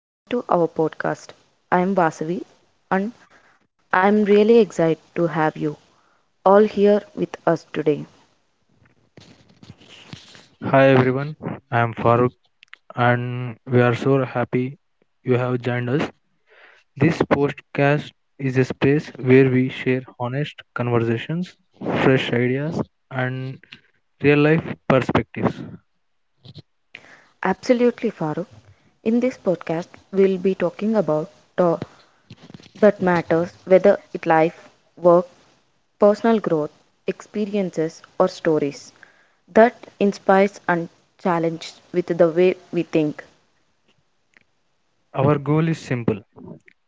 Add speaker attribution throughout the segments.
Speaker 1: and welcome to our podcast. I am Vasavi, and I am really excited to have you all here with us today.
Speaker 2: Hi everyone, I am Farooq and we are so happy you have joined us. This podcast is a space where we share honest conversations, fresh ideas, and real life perspectives.
Speaker 1: Absolutely, Farooq. In this podcast, we'll be talking about to- that matters, whether it life, work, personal growth, experiences, or stories that inspires and challenges with the way we think.
Speaker 2: Our goal is simple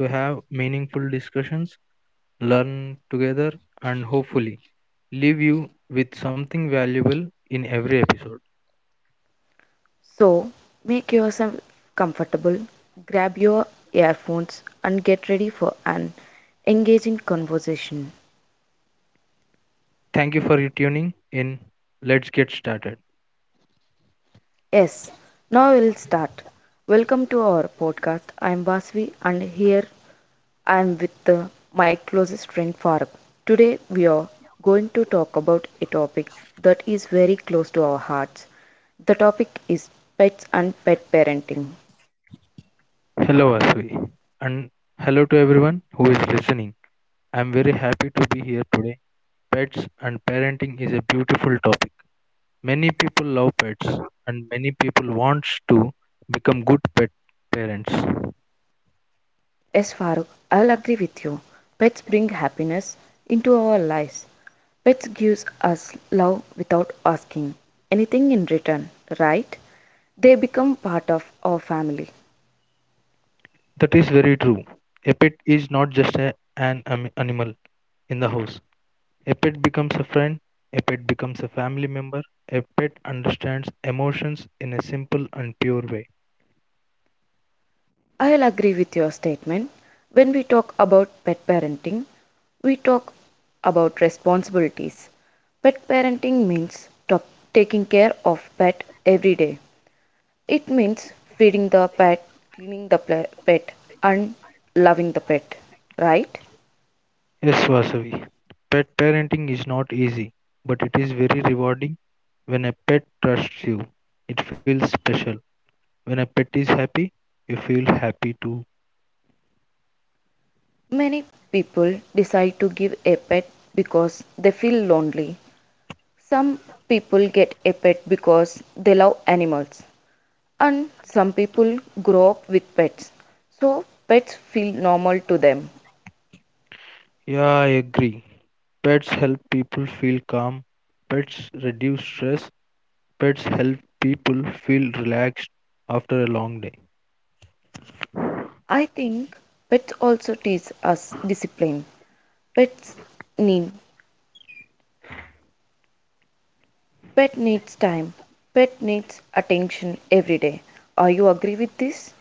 Speaker 2: to have meaningful discussions, learn together, and hopefully leave you with something valuable in every episode.
Speaker 1: So, make yourself comfortable, grab your earphones, and get ready for an engaging conversation.
Speaker 2: Thank you for tuning in. Let's get started.
Speaker 1: Yes, now we'll start. Welcome to our podcast. I'm Basvi, and here I am with my closest friend Faruk. Today we are going to talk about a topic that is very close to our hearts. The topic is pets and pet parenting.
Speaker 2: Hello, Asvi, and hello to everyone who is listening. I'm very happy to be here today. Pets and parenting is a beautiful topic. Many people love pets, and many people wants to become good pet parents.
Speaker 1: Yes, Farooq, I'll agree with you. Pets bring happiness into our lives. Pets gives us love without asking anything in return, right? They become part of our family.
Speaker 2: That is very true. A pet is not just animal in the house. A pet becomes a friend. A pet becomes a family member. A pet understands emotions in a simple and pure way.
Speaker 1: I'll agree with your statement. When we talk about pet parenting, we talk about responsibilities. Pet parenting means to- taking care of pet every day. It means feeding the pet, cleaning the pet, and loving the pet, right?
Speaker 2: Yes, Vasavi. Pet parenting is not easy, but it is very rewarding when a pet trusts you. It feels special. When a pet is happy, you feel happy too.
Speaker 1: Many people decide to give a pet because they feel lonely. Some people get a pet because they love animals, and some people grow up with pets, so pets feel normal to them.
Speaker 2: Yeah, I agree. Pets help people feel calm. Pets reduce stress. Pets help people feel relaxed after a long day.
Speaker 1: I think pets also teach us discipline. Pets need Pet needs time, pet needs attention every day. Are you agree with this?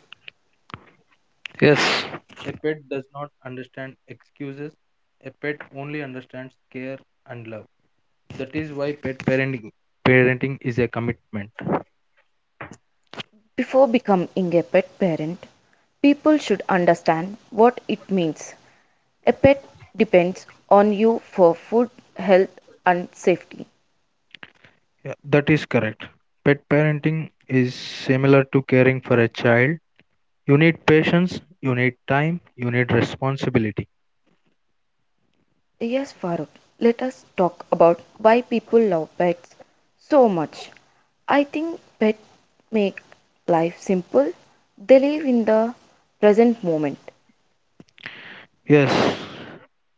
Speaker 2: Yes, a pet does not understand excuses. A pet only understands care and love. That is why pet parenting is a commitment.
Speaker 1: Before becoming a pet parent, people should understand what it means. A pet depends on you for food, health, and safety.
Speaker 2: Yeah, that is correct. Pet parenting is similar to caring for a child. You need patience, you need time, you need responsibility.
Speaker 1: Yes, Farooq, let us talk about why people love pets so much. I think pets make life simple. They live in the present moment.
Speaker 2: Yes,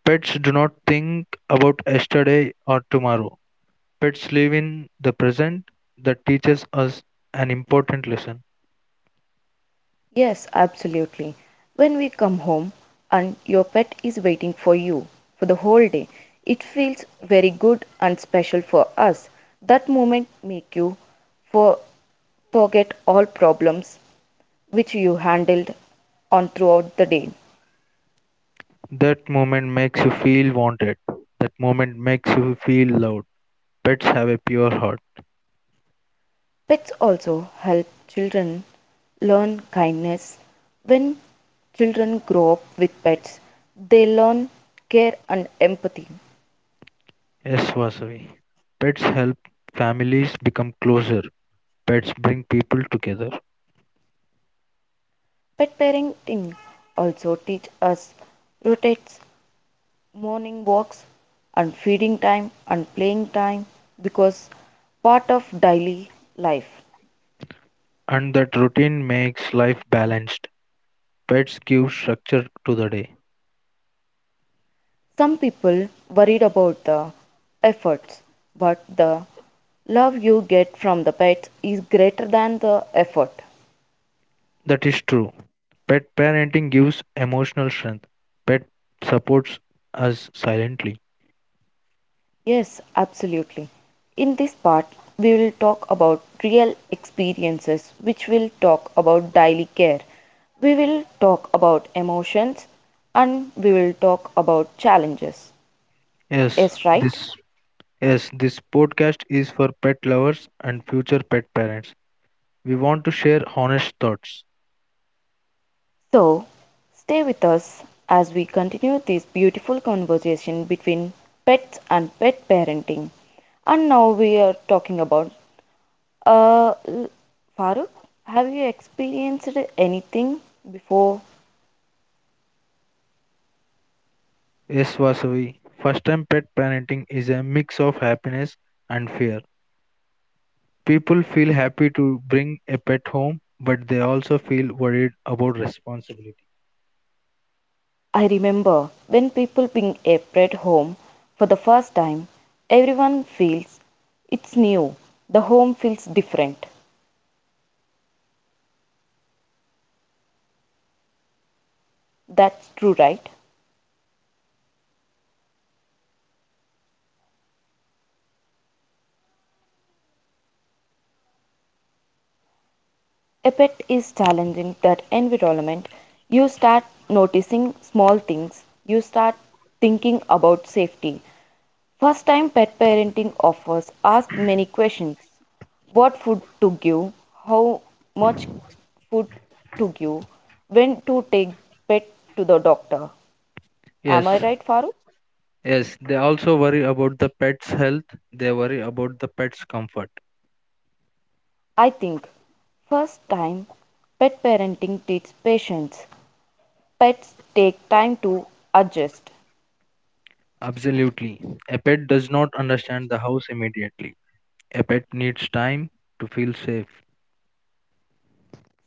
Speaker 2: pets do not think about yesterday or tomorrow. Pets live in the present that teaches us an important lesson.
Speaker 1: Yes, absolutely. When we come home and your pet is waiting for you for the whole day, it feels very good and special for us. That moment make you for forget all problems which you handled on throughout the day.
Speaker 2: That moment makes you feel wanted. That moment makes you feel loved. Pets have a pure heart.
Speaker 1: Pets also help children learn kindness. When children grow up with pets, they learn care and empathy.
Speaker 2: Yes, Vasavi. Pets help families become closer. Pets bring people together.
Speaker 1: Pet parenting also teach us rotates morning walks and feeding time and playing time because part of daily life.
Speaker 2: And that routine makes life balanced. Pets give structure to the day.
Speaker 1: Some people worried about the efforts, but the love you get from the pets is greater than the effort.
Speaker 2: That is true. Pet parenting gives emotional strength. Pet supports us silently.
Speaker 1: Yes, absolutely. In this part, we will talk about real experiences, which will talk about daily care. We will talk about emotions and we will talk about challenges.
Speaker 2: Yes,
Speaker 1: Yes, right?
Speaker 2: this yes, this podcast is for pet lovers and future pet parents. We want to share honest thoughts.
Speaker 1: So, stay with us as we continue this beautiful conversation between pets and pet parenting. And now we are talking about uh, Farooq, have you experienced anything before?
Speaker 2: Yes, Vasavi. First time pet parenting is a mix of happiness and fear. People feel happy to bring a pet home, but they also feel worried about responsibility.
Speaker 1: I remember when people bring a pet home for the first time, everyone feels it's new, the home feels different. That's true, right? A pet is challenging that environment. You start noticing small things, you start thinking about safety. First time pet parenting offers ask many questions, what food to give, how much food to give, when to take pet to the doctor.
Speaker 2: Yes,
Speaker 1: Am I right, Farooq?
Speaker 2: yes, they also worry about the pet's health, they worry about the pet's comfort.
Speaker 1: I think, first time, pet parenting takes patience. Pets take time to adjust.
Speaker 2: Absolutely. A pet does not understand the house immediately. A pet needs time to feel safe.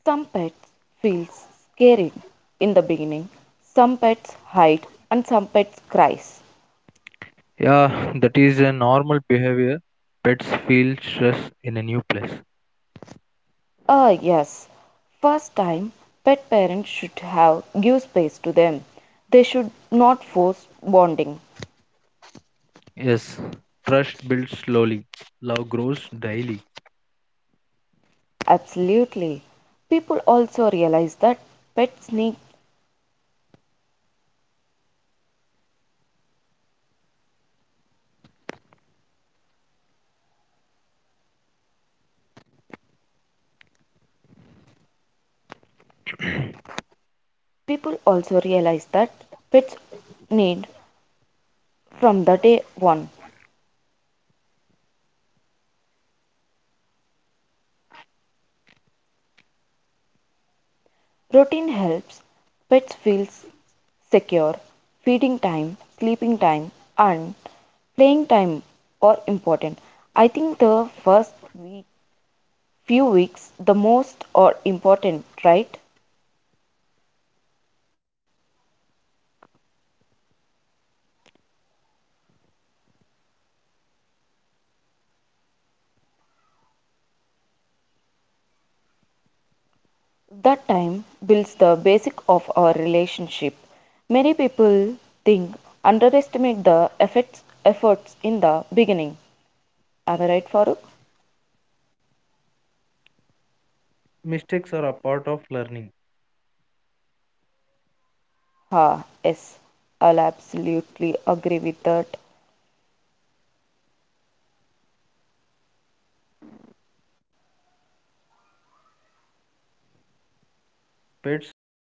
Speaker 1: Some pets feel scary in the beginning. Some pets hide and some pets cries.
Speaker 2: Yeah, that is a normal behavior. Pets feel stress in a new place.
Speaker 1: Ah yes, first time pet parents should have give space to them. They should not force bonding.
Speaker 2: Yes, trust builds slowly, love grows daily.
Speaker 1: Absolutely. People also realize that pets need People also realize that pets need from the day one. Routine helps pets feel secure. Feeding time, sleeping time, and playing time are important. I think the first week, few weeks the most are important, right? That time builds the basic of our relationship. Many people think underestimate the efforts in the beginning. Am I right, Farooq?
Speaker 2: Mistakes are a part of learning.
Speaker 1: Ha, yes, I'll absolutely agree with that.
Speaker 2: Pets forgive easily.